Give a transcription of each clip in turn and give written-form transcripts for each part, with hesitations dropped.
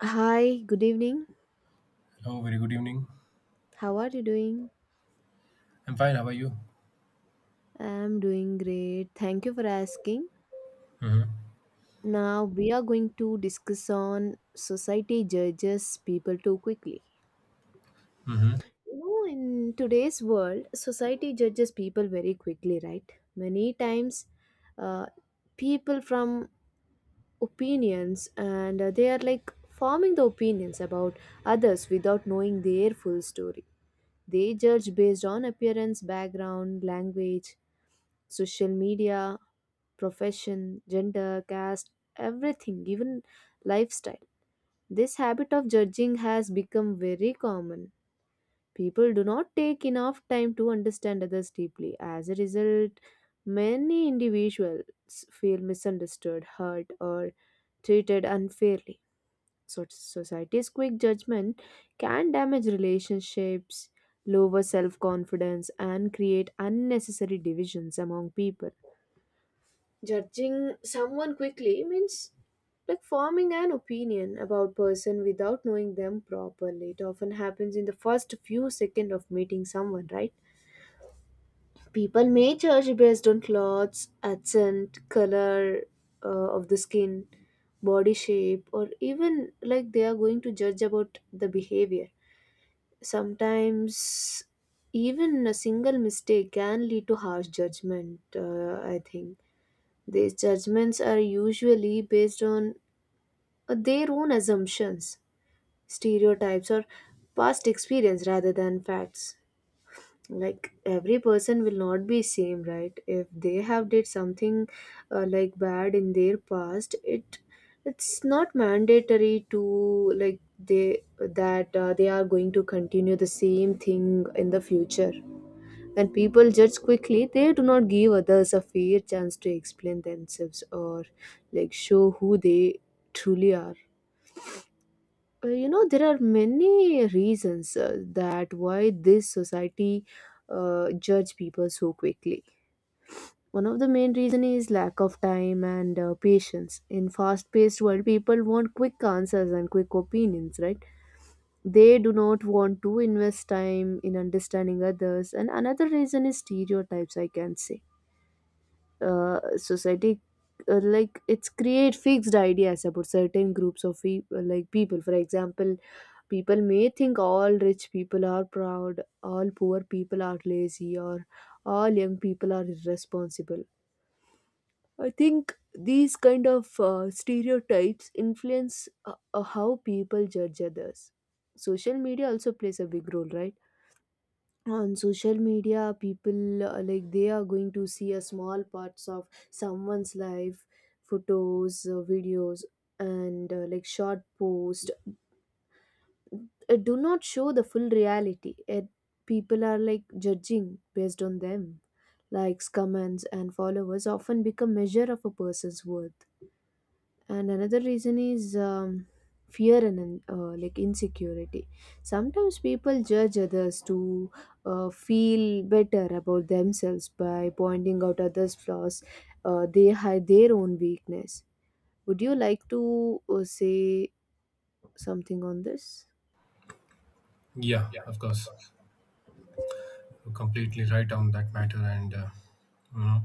Hi, good evening. Oh, very good evening. How are you doing? I'm fine. How are you? I'm doing great. Thank you for asking. Mm-hmm. Now we are going to discuss on society judges people too quickly. Mm-hmm. You know, in today's world, society judges people very quickly, right? Many times, uh, people from opinions and they are like forming the opinions about others without knowing their full story. They judge based on appearance, background, language, social media, profession, gender, caste, everything, even lifestyle. This habit of judging has become very common. People do not take enough time to understand others deeply. As a result, many individuals feel misunderstood, hurt, or treated unfairly. So, society's quick judgment can damage relationships, lower self confidence, and create unnecessary divisions among people. Judging someone quickly means like forming an opinion about person without knowing them properly. It often happens in the first few seconds of meeting someone, right? People may judge based on clothes, accent, color of the skin, body shape, or even like they are going to judge about the behavior. Sometimes even a single mistake can lead to harsh judgment, I think. These judgments are usually based on their own assumptions, stereotypes, or past experience rather than facts, like every person will not be same, right? If they have did something like bad in their past, it's not mandatory to like they that they are going to continue the same thing in the future. When people judge quickly, they do not give others a fair chance to explain themselves or like show who they truly are. There are many reasons that why this society judge people so quickly. One of the main reason is lack of time and patience. In fast paced world, people want quick answers and quick opinions, right? They do not want to invest time in understanding others. And another reason is stereotypes, I can say. Society, like, it's create fixed ideas about certain groups of like people. For example, people may think all rich people are proud, all poor people are lazy, or all young people are irresponsible. I think these kind of stereotypes influence how people judge others. Social media also plays a big role, right? On social media, people like they are going to see a small parts of someone's life, photos, videos, and like short post. Do not show the full reality. It, people are like judging based on them. Likes, comments, and followers often become measure of a person's worth. And another reason is fear and like insecurity. Sometimes people judge others to feel better about themselves by pointing out others flaws. They hide their own weakness. Would you like to say something on this? Yeah, of course. You're completely right on that matter. And, you know,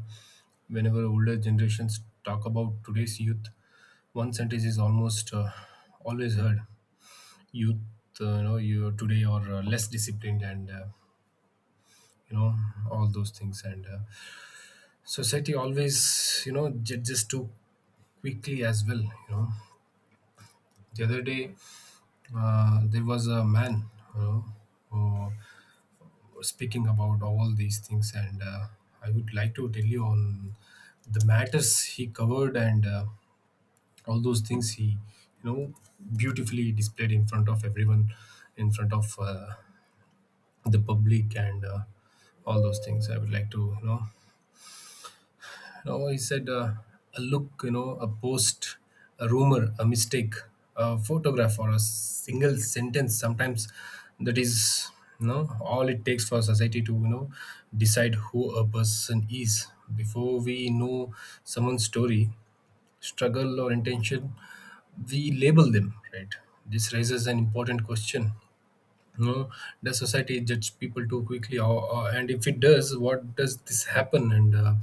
whenever older generations talk about today's youth, one sentence is almost always heard youth, you know, you today are less disciplined and, you know, all those things. And society always, you know, just too quickly as well, you know. The other day, there was a man, you know, who speaking about all these things and I would like to tell you on the matters he covered, and all those things he, you know, beautifully displayed in front of everyone, in front of the public, and all those things I would like to, you know, you know, he said, a look, you know, a post, a rumor, a mistake, a photograph, or a single sentence. Sometimes that is, you know, all it takes for society to, you know, decide who a person is. Before we know someone's story, struggle, or intention, we label them, right? This raises an important question. No, the society judge people too quickly, or, and if it does, what does this happen, and uh,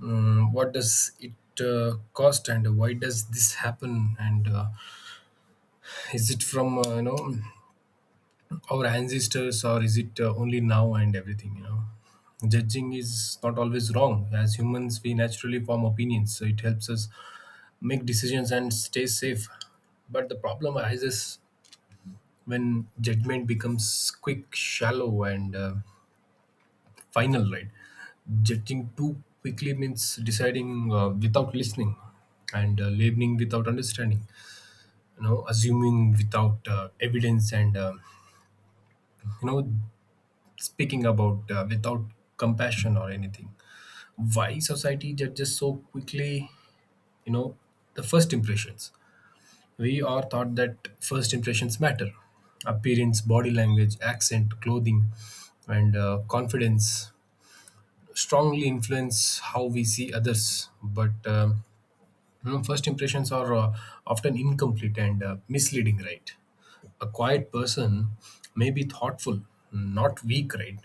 mm, what does it cost, and why does this happen, and is it from you know, our ancestors, or is it only now and everything, you know. Judging is not always wrong. As humans, we naturally form opinions, so it helps us make decisions and stay safe. But the problem arises when judgment becomes quick, shallow, and final, right? Judging too quickly means deciding without listening, and labeling without understanding, you know, assuming without evidence, and you know, speaking about without compassion or anything. Why society judges so quickly, you know, the first impressions. We are taught that first impressions matter. Appearance, body language, accent, clothing, and confidence strongly influence how we see others. But first impressions are often incomplete and misleading, right? A quiet person may be thoughtful, not weak, right?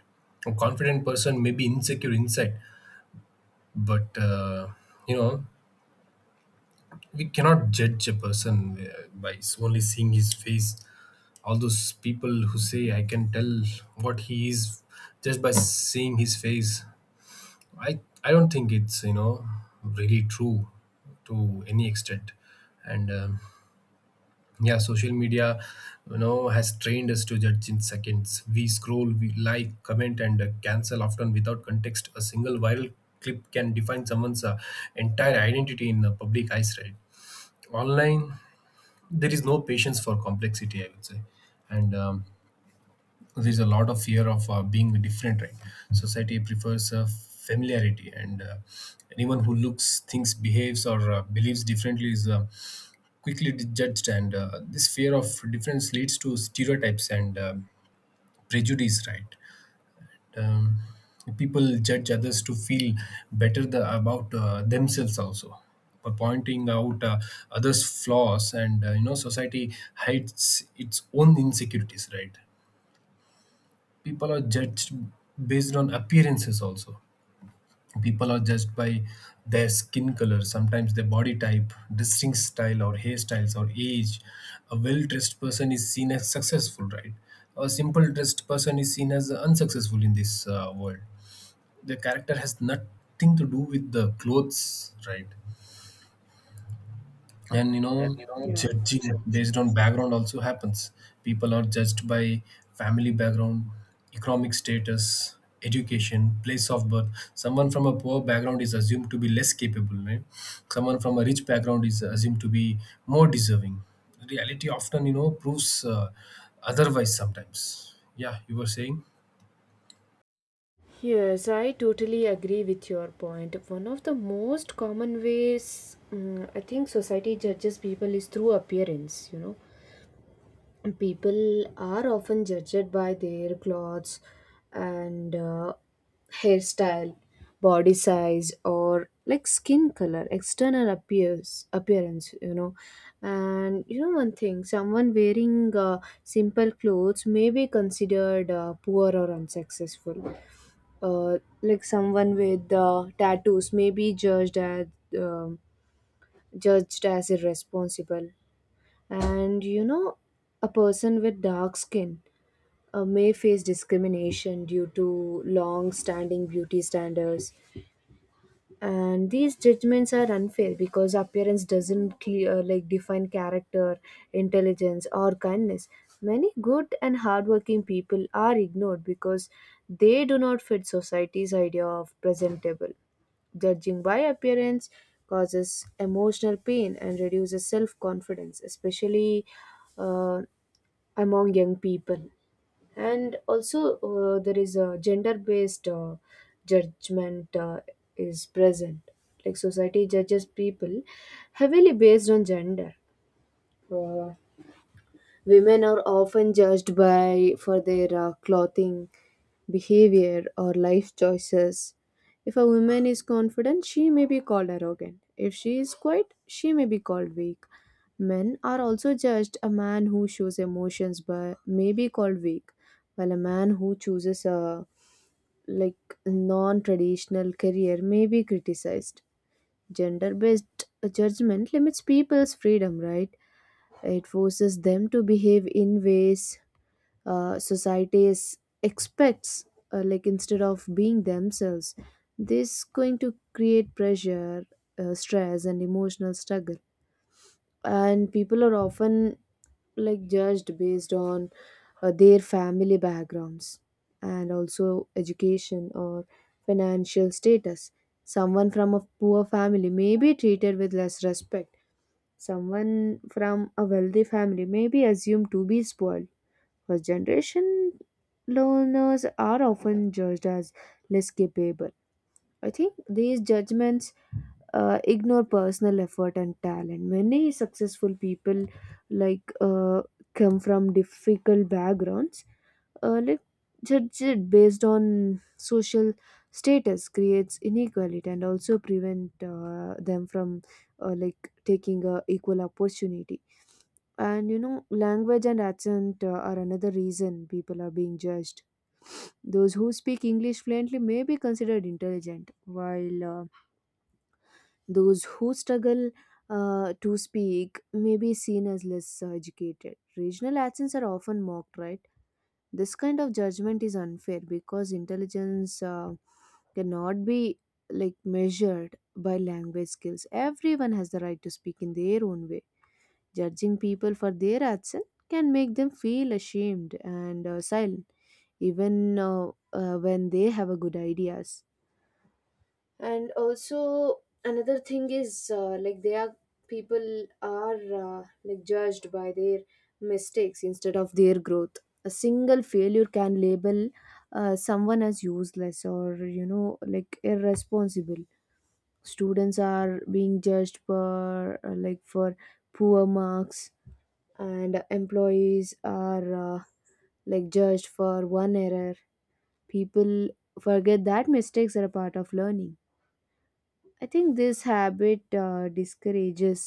A confident person may be insecure inside, but you know, we cannot judge a person only seeing his face. All those people who say I can tell what he is just by seeing his face, I don't think it's, you know, really true to any extent, and yeah. Social media, you know, has trained us to judge in seconds. We scroll, we like, comment, and cancel, often without context. A single viral clip can define someone's entire identity in the public eyes, right? Online, there is no patience for complexity, I would say. And there's a lot of fear of being different, right? Society prefers familiarity, and anyone who looks, thinks, behaves, or believes differently is quickly judged, and this fear of difference leads to stereotypes and prejudice, right? um, people judge others to feel better the, about themselves also, by pointing out others flaws, and you know, society hides its own insecurities, right? People are judged based on appearances also. People are judged by their skin color, sometimes their body type, dressing style, or hairstyles, or age. A well-dressed person is seen as successful, right? A simple dressed person is seen as unsuccessful in this world. The character has nothing to do with the clothes, right? And you And, know, you know, yeah. judging based on background also happens. People are judged by family background, economic status, education, place of birth. Someone from a poor background is assumed to be less capable, right? Someone from a rich background is assumed to be more deserving. Reality often, you know, proves otherwise sometimes. Yeah, you were saying. Yes, I totally agree with your point. One of the most common ways, I think, society judges people is through appearance, you know. People are often judged by their clothes and hairstyle, body size, or like skin color, external appears appearance, you know. And you know, one thing, someone wearing simple clothes may be considered poor or unsuccessful. Like someone with tattoos may be um judged as irresponsible. And you know, a person with dark skin may face discrimination due to long standing beauty standards. And these judgments are unfair because appearance doesn't clear, like define character, intelligence, or kindness. Many good and hardworking people are ignored because they do not fit society's idea of presentable. Judging by appearance causes emotional pain and reduces self confidence, especially uh, among young people. And also, there is a gender based judgment is present. Like society judges people heavily based on gender. Uh, Women are often judged by for their clothing, behavior, or life choices. If a woman is confident, she may be called arrogant. If she is quiet, she may be called weak. Men are also judged. A man who shows emotions by, may be called weak, while a man who chooses a like non-traditional career may be criticized. Gender-based judgment limits people's freedom, right? It forces them to behave in ways society is expects, like instead of being themselves. This going to create pressure, stress, and emotional struggle. And people are often like judged based on their family backgrounds and also education or financial status. Someone from a poor family may be treated with less respect. Someone from a wealthy family may be assumed to be spoiled. First generation learners are often judged as less capable. I think these judgments ignore personal effort and talent. Many successful people, like uh, come from difficult backgrounds. Like judged based on social status creates inequality and also prevent them from like taking a equal opportunity. And you know, language and accent are another reason people are being judged. Those who speak English fluently may be considered intelligent, while those who struggle to speak may be seen as less educated. Regional accents are often mocked, right? This kind of judgment is unfair because intelligence cannot be like measured by language skills. Everyone has the right to speak in their own way. Judging people for their action can make them feel ashamed and silent, even when they have a good ideas. And also, another thing is, like they are, people are like judged by their mistakes instead of their growth. A single failure can label someone as useless or you know like irresponsible. Students are being judged for like for poor marks, and employees are like judged for one error. People forget that mistakes are a part of learning. I think this habit discourages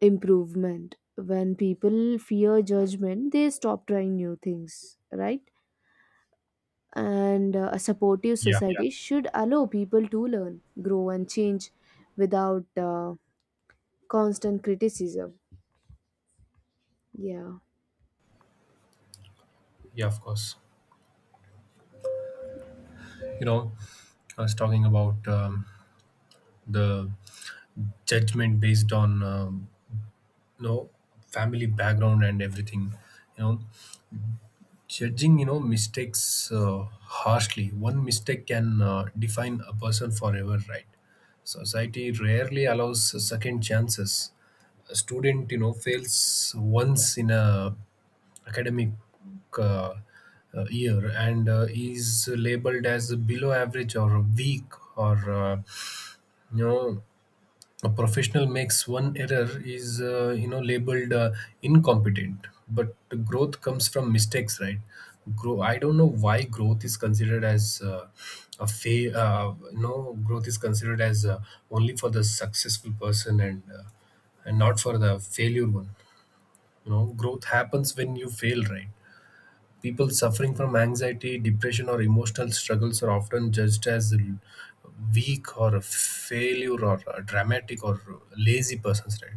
improvement. When people fear judgment, they stop trying new things, right? And a supportive, yeah, Yeah. society should allow people to learn, grow, and change without constant criticism. Yeah. Yeah, of course. You know, I was talking about the judgment based on you know, family background and everything, you know, judging, you know, mistakes harshly. One mistake can define a person forever, right? Society rarely allows second chances. A student, you know, fails once in a academic uh, year, and is labeled as below average or weak, or uh, you know, a professional makes one error is you know, labeled incompetent. But growth comes from mistakes, right? grow I don't know why growth is considered as you know, growth is considered as only for the successful person, and not for the failure one. You know, growth happens when you fail, right? People suffering from anxiety, depression, or emotional struggles are often judged as weak, or a failure, or a dramatic, or lazy persons, right?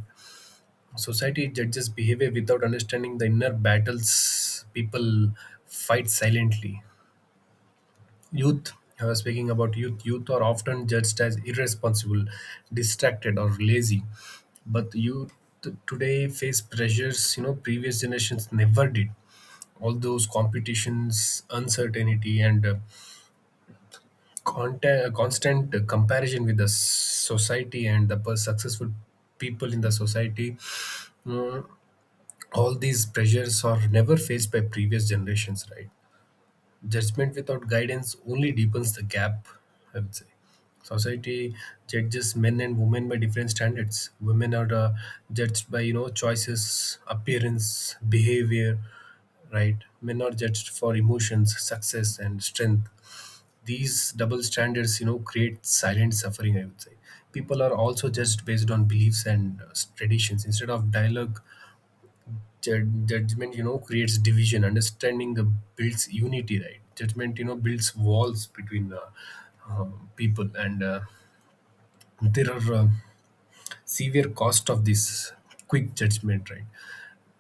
Society judges behavior without understanding the inner battles people fight silently. Youth, I was speaking about youth, youth are often judged as irresponsible, distracted, or lazy. But youth today face pressures, you know, previous generations never did: all those competitions, uncertainty, and constant comparison with the society and the successful people in the society. Mm, all these pressures are never faced by previous generations, right? Judgment without guidance only deepens the gap, I would say. Society judges men and women by different standards. Women are judged by, you know, choices, appearance, behavior, right? Men are judged for emotions, success, and strength. These double standards, you know, create silent suffering, I would say. People are also judged based on beliefs and traditions instead of dialogue. Judgment, you know, creates division. Understanding builds unity, right? Judgment, you know, builds walls between people, and there are severe cost of this quick judgment, right?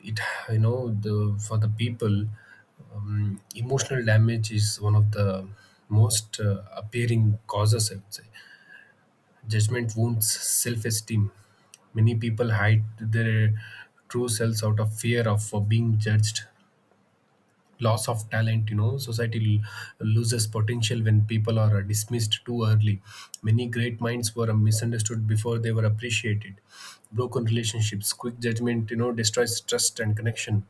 It you know, the for the people, emotional damage is one of the most appearing causes, I would say. Judgment wounds self esteem. Many people hide their true selves out of fear of being judged. Loss of talent, you know, society loses potential when people are dismissed too early. Many great minds were misunderstood before they were appreciated. Broken relationships, quick judgment, you know, destroys trust and connection.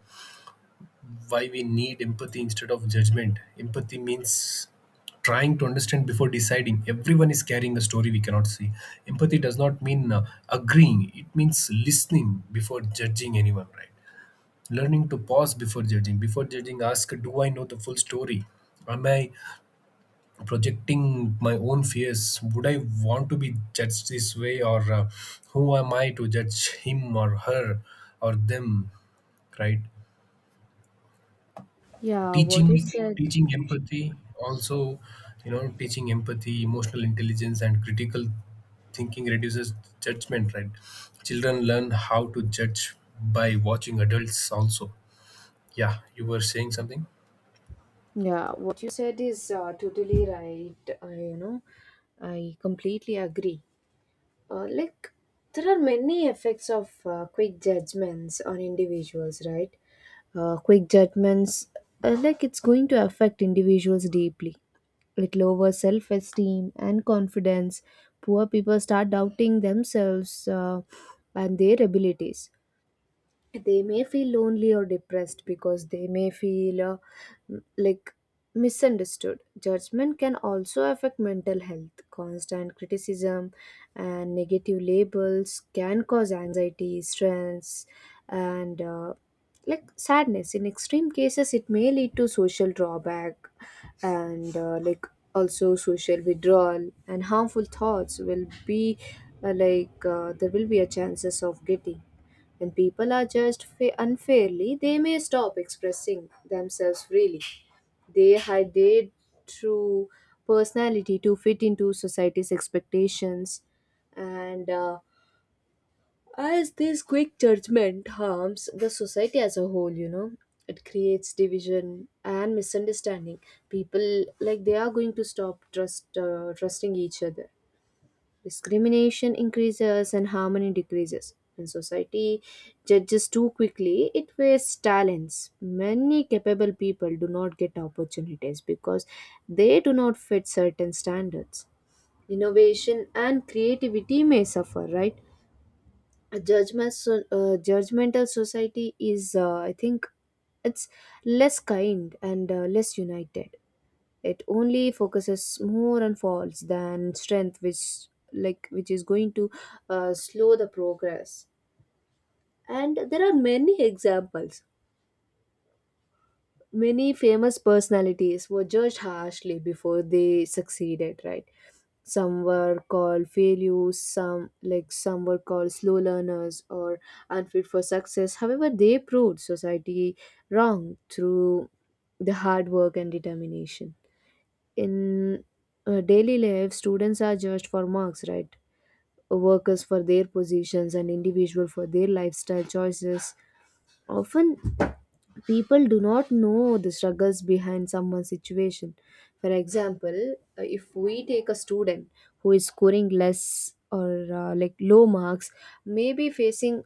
Why we need empathy instead of judgment. Empathy means trying to understand before deciding. Everyone is carrying a story we cannot see. Empathy does not mean agreeing, it means listening before judging anyone, right? Learning to pause before judging. Before judging, ask, do I know the full story? Am I projecting my own fears? Would I want to be judged this way, or who am I to judge him, or her, or them, right? Yeah, what you teaching said. teaching empathy also, you know, teaching empathy, emotional intelligence, and critical thinking reduces judgment, right? Children learn how to judge by watching adults also. Yeah, you were saying something. Yeah, what you said is totally right. You know, I completely agree. Like, there are many effects of quick judgments on individuals, right? Quick judgments, like, it's going to affect individuals deeply. It lowers self esteem and confidence. Poor people start doubting themselves and their abilities. They may feel lonely or depressed because they may feel like misunderstood. Judgment can also affect mental health. Constant criticism and negative labels can cause anxiety, stress, and like sadness. In extreme cases, it may lead to social drawback and like also social withdrawal, and harmful thoughts will be there will be a chances of getting. When people are judged unfairly, they may stop expressing themselves freely. They hide their true personality to fit into society's expectations. And as this quick judgment harms the society as a whole, you know, it creates division and misunderstanding. People like they are going to stop trusting each other. Discrimination increases and harmony decreases. When society judges too quickly, it wastes talents. Many capable people do not get opportunities because they do not fit certain standards. Innovation and creativity may suffer, right? A judgment, so, judgmental society is, I think, it's less kind and less united. It only focuses more on faults than strength, which like which is going to slow the progress. And there are many examples. Many famous personalities were judged harshly before they succeeded, right? Some were called failures, some like some were called slow learners or unfit for success. However, they proved society wrong through the hard work and determination. In daily life, students are judged for marks, right? Workers for their positions and individual for their lifestyle choices. Often, people do not know the struggles behind someone's situation. For example, if we take a student who is scoring less or like low marks, maybe facing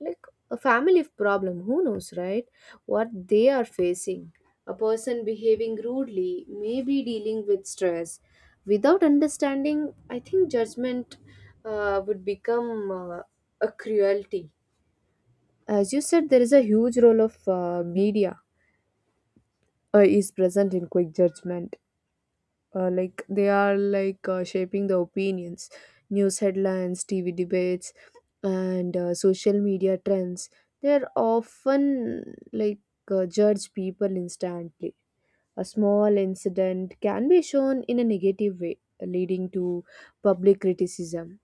like a family problem, who knows, right? What they are facing. A person behaving rudely, maybe dealing with stress. Without understanding, I think judgment would become a cruelty. As you said, there is a huge role of media is present in quick judgment. Like they are like shaping the opinions, news headlines, TV debates, and social media trends. They're often judge people instantly. A small incident can be shown in a negative way, leading to public criticism.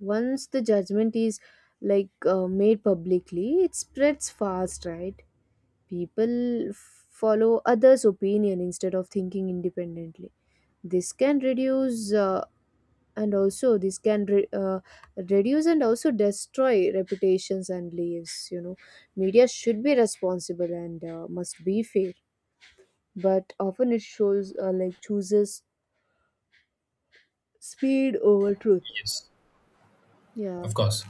Once the judgment is made publicly, it spreads fast, right? People follow others' opinion instead of thinking independently. This can reduce and also this can reduce and also destroy reputations and lives. You know, media should be responsible and must be fair, but often it shows, like chooses speed over truth. Yes, Yeah, of course,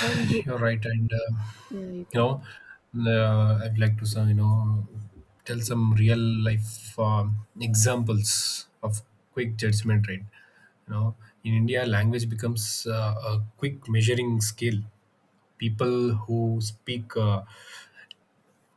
on the- you're right. And yeah, you you can. know, I'd like to some, you know, tell some real life examples of quick judgment, right? You know, in India, language becomes a quick measuring scale. People who speak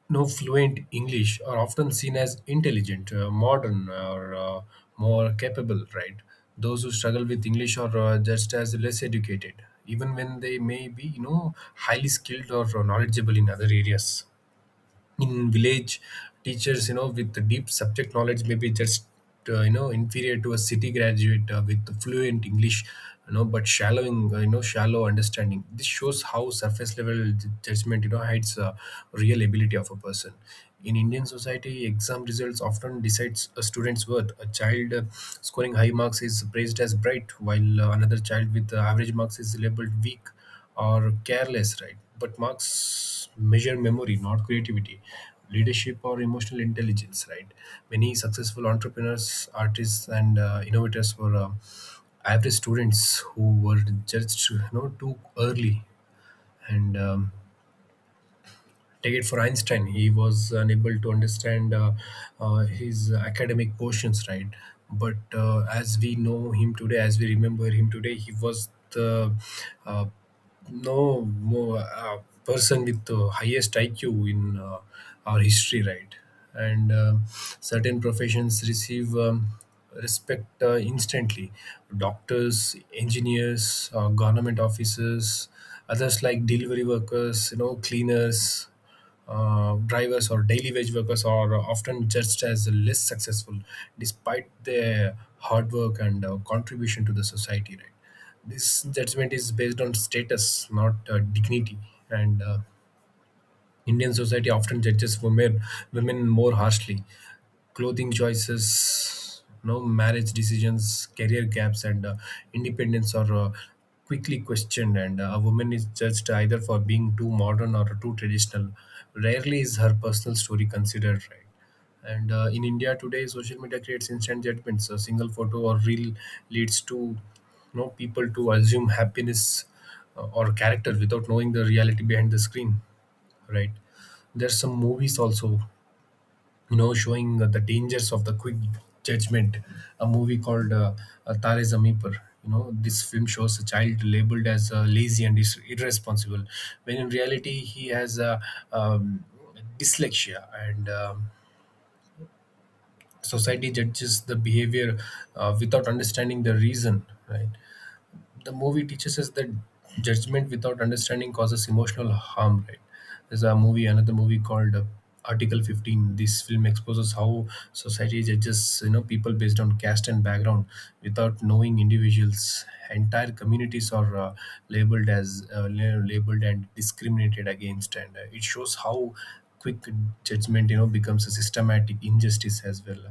no fluent English are often seen as intelligent, modern, or more capable. Right? Those who struggle with English are just as less educated, even when they may be, you know, highly skilled or knowledgeable in other areas. In village, teachers, you know, with the deep subject knowledge, maybe just you know, inferior to a city graduate with fluent English, you know, but shallow you know, shallow understanding. This shows how surface level judgment, you know, hides real ability of a person. In Indian society, exam results often decides a student's worth. A child scoring high marks is praised as bright, while another child with average marks is labeled weak or careless, right? But marks measure memory, not creativity, leadership, or emotional intelligence, right? Many successful entrepreneurs, artists, and innovators were average students who were judged, you know, too early, and take it for Einstein, he was unable to understand his academic portions, right? But as we know him today, as we remember him today, he was the uh, no more person with the highest IQ in our history, right? And certain professions receive respect instantly. Doctors, engineers, government officers, others like delivery workers, you know, cleaners, drivers, or daily wage workers are often judged as less successful despite their hard work and contribution to the society, right? This judgment is based on status, not dignity. And Indian society often judges women more harshly. Clothing choices, no marriage decisions, career gaps, and independence are quickly questioned. And a woman is judged either for being too modern or too traditional. Rarely is her personal story considered, right? And in India today, social media creates instant judgments. A single photo or reel leads to, you know, people to assume happiness or character without knowing the reality behind the screen, right? There's some movies also, you know, showing the dangers of the quick judgment. A movie called Tare Zameen Par. You know, this film shows a child labeled as lazy and is irresponsible, when in reality he has um, dyslexia, and society judges the behavior without understanding the reason. Right? The movie teaches us that judgment without understanding causes emotional harm, right? There's a movie, another movie called Article 15. This film exposes how society judges, you know, people based on caste and background. Without knowing individuals, entire communities are labeled as labeled and discriminated against, and it shows how quick judgment, you know, becomes a systematic injustice as well.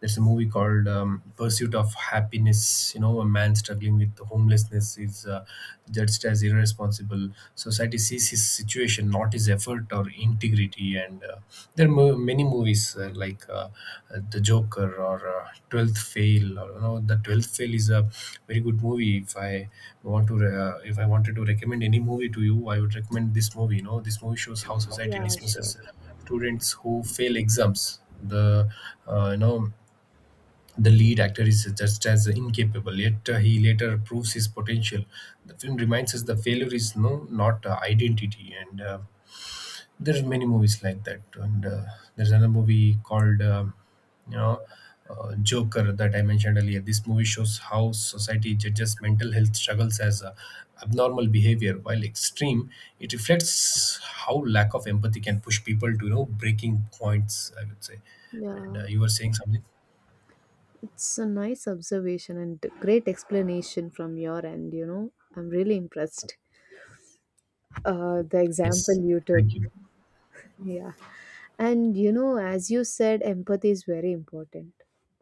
There's a movie called Pursuit of Happiness. You know, a man struggling with homelessness is judged as irresponsible. Society sees his situation, not his effort or integrity. And there are many movies the Joker, or 12th Fail, or you know, the 12th Fail is a very good movie. If I want to if I wanted to recommend any movie to you, I would recommend this movie. You know, this movie shows how society Yeah, sure. dismisses students who fail exams. The you know, the lead actor is just as incapable, yet he later proves his potential. The film reminds us the failure is no, not identity. And there's many movies like that. And there's another movie called you know, Joker, that I mentioned earlier. This movie shows how society judges mental health struggles as abnormal behavior, while extreme, it reflects how lack of empathy can push people to, you know, breaking points, I would say. And Yeah. you were saying something. It's a nice observation and great explanation from your end, you know. I'm really impressed. The example Yes, you took. thank you. Yeah. And, you know, as you said, empathy is very important.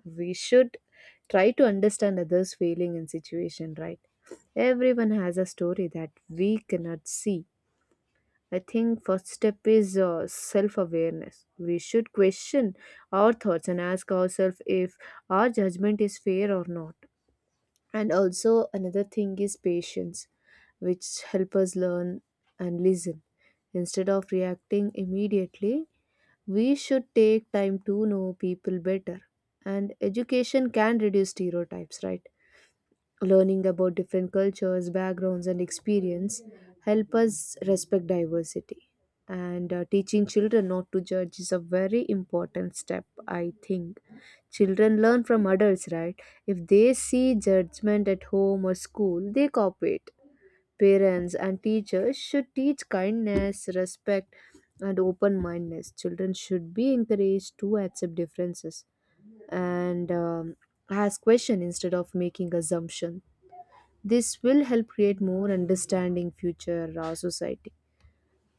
We should try to understand others' feeling and situation, right? Everyone has a story that we cannot see. I think first step is self-awareness. We should question our thoughts and ask ourselves if our judgment is fair or not. And also another thing is patience, which help us learn and listen instead of reacting immediately. We should take time to know people better, and education can reduce stereotypes, right? Learning about different cultures, backgrounds and experience help us respect diversity. And teaching children not to judge is a very important step, I think. Children learn from adults, right? If they see judgment at home or school, they copy it. Parents and teachers should teach kindness, respect and open mindedness. Children should be encouraged to accept differences and ask questions instead of making assumptions. This will help create more understanding future society.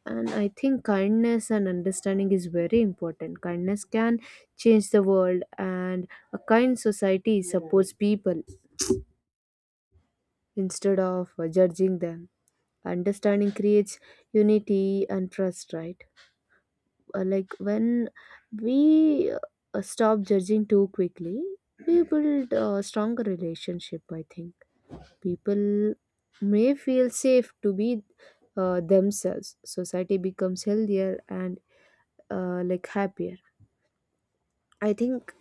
And I think kindness and understanding is very important. Kindness can change the world, and a kind society supports people instead of judging them. Understanding creates unity and trust, right? Like when we stop judging too quickly, we build a stronger relationship, I think. People may feel safe to be themselves. Society becomes healthier and like happier. I think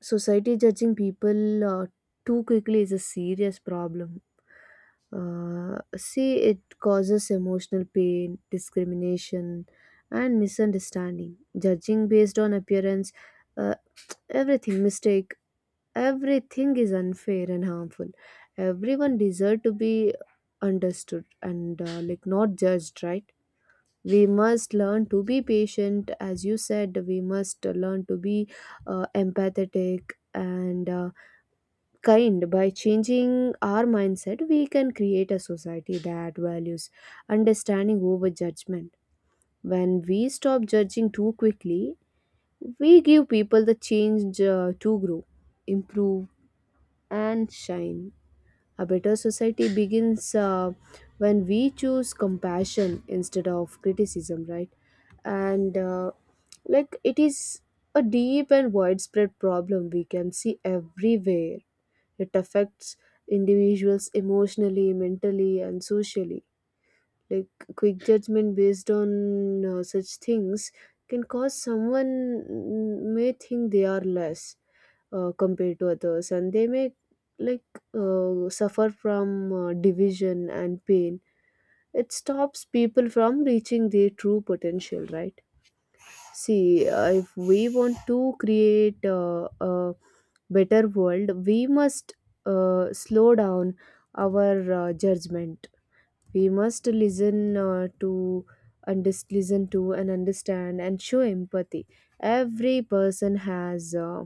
society judging people too quickly is a serious problem. See, it causes emotional pain, discrimination, and misunderstanding. Judging based on appearance, uh, everything, mistake, everything is unfair and harmful. Everyone deserves to be understood and like not judged, right? We must learn to be patient, as you said. We must learn to be empathetic and kind. By changing our mindset, we can create a society that values understanding over judgment. When we stop judging too quickly, we give people the change to grow, improve, and shine. A better society begins when we choose compassion instead of criticism, right? And like it is a deep and widespread problem we can see everywhere. It affects individuals emotionally, mentally, and socially. Like quick judgment based on such things can cause someone, may think they are less compared to others, and they may like suffer from division and pain. It stops people from reaching their true potential, right? See, if we want to create a better world, we must slow down our judgment. We must listen, listen to and understand and show empathy. Every person has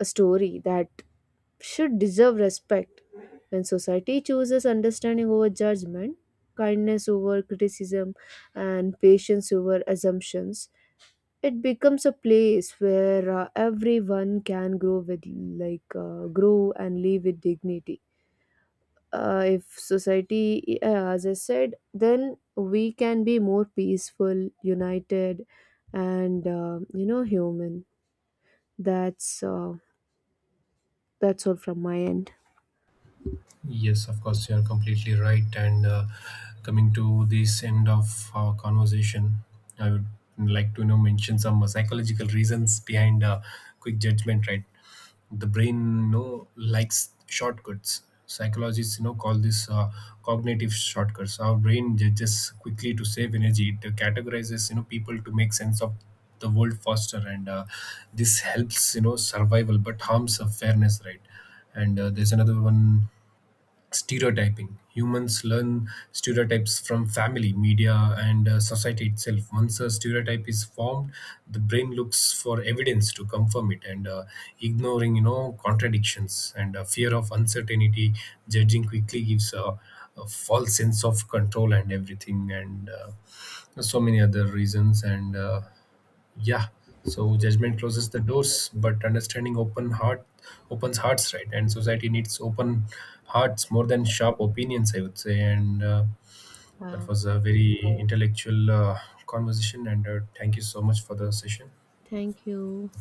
a story that should deserve respect. When society chooses understanding over judgment, kindness over criticism, and patience over assumptions, it becomes a place where everyone can grow with, like, grow and live with dignity. If society, as I said, then we can be more peaceful, united, and, you know, human. That's uh, that's all from my end. Yes, of course, you're completely right. And coming to this end of our conversation, I would like to, you know, mention some psychological reasons behind quick judgment. Right, the brain, you know, likes shortcuts. Psychologists, you know, call this cognitive shortcuts. Our brain judges quickly to save energy. It categorizes, you know, people to make sense of the world faster, and this helps, you know, survival, but harms of fairness. Right. And there's another one: stereotyping. Humans learn stereotypes from family, media, and society itself. Once a stereotype is formed, the brain looks for evidence to confirm it, and ignoring, you know, contradictions, and fear of uncertainty, judging quickly gives a false sense of control and everything, and so many other reasons. And yeah, so judgment closes the doors, but understanding open heart, opens hearts, right? And society needs open hearts more than sharp opinions, I would say. And that Wow. was a very intellectual conversation, and thank you so much for the session. Thank you.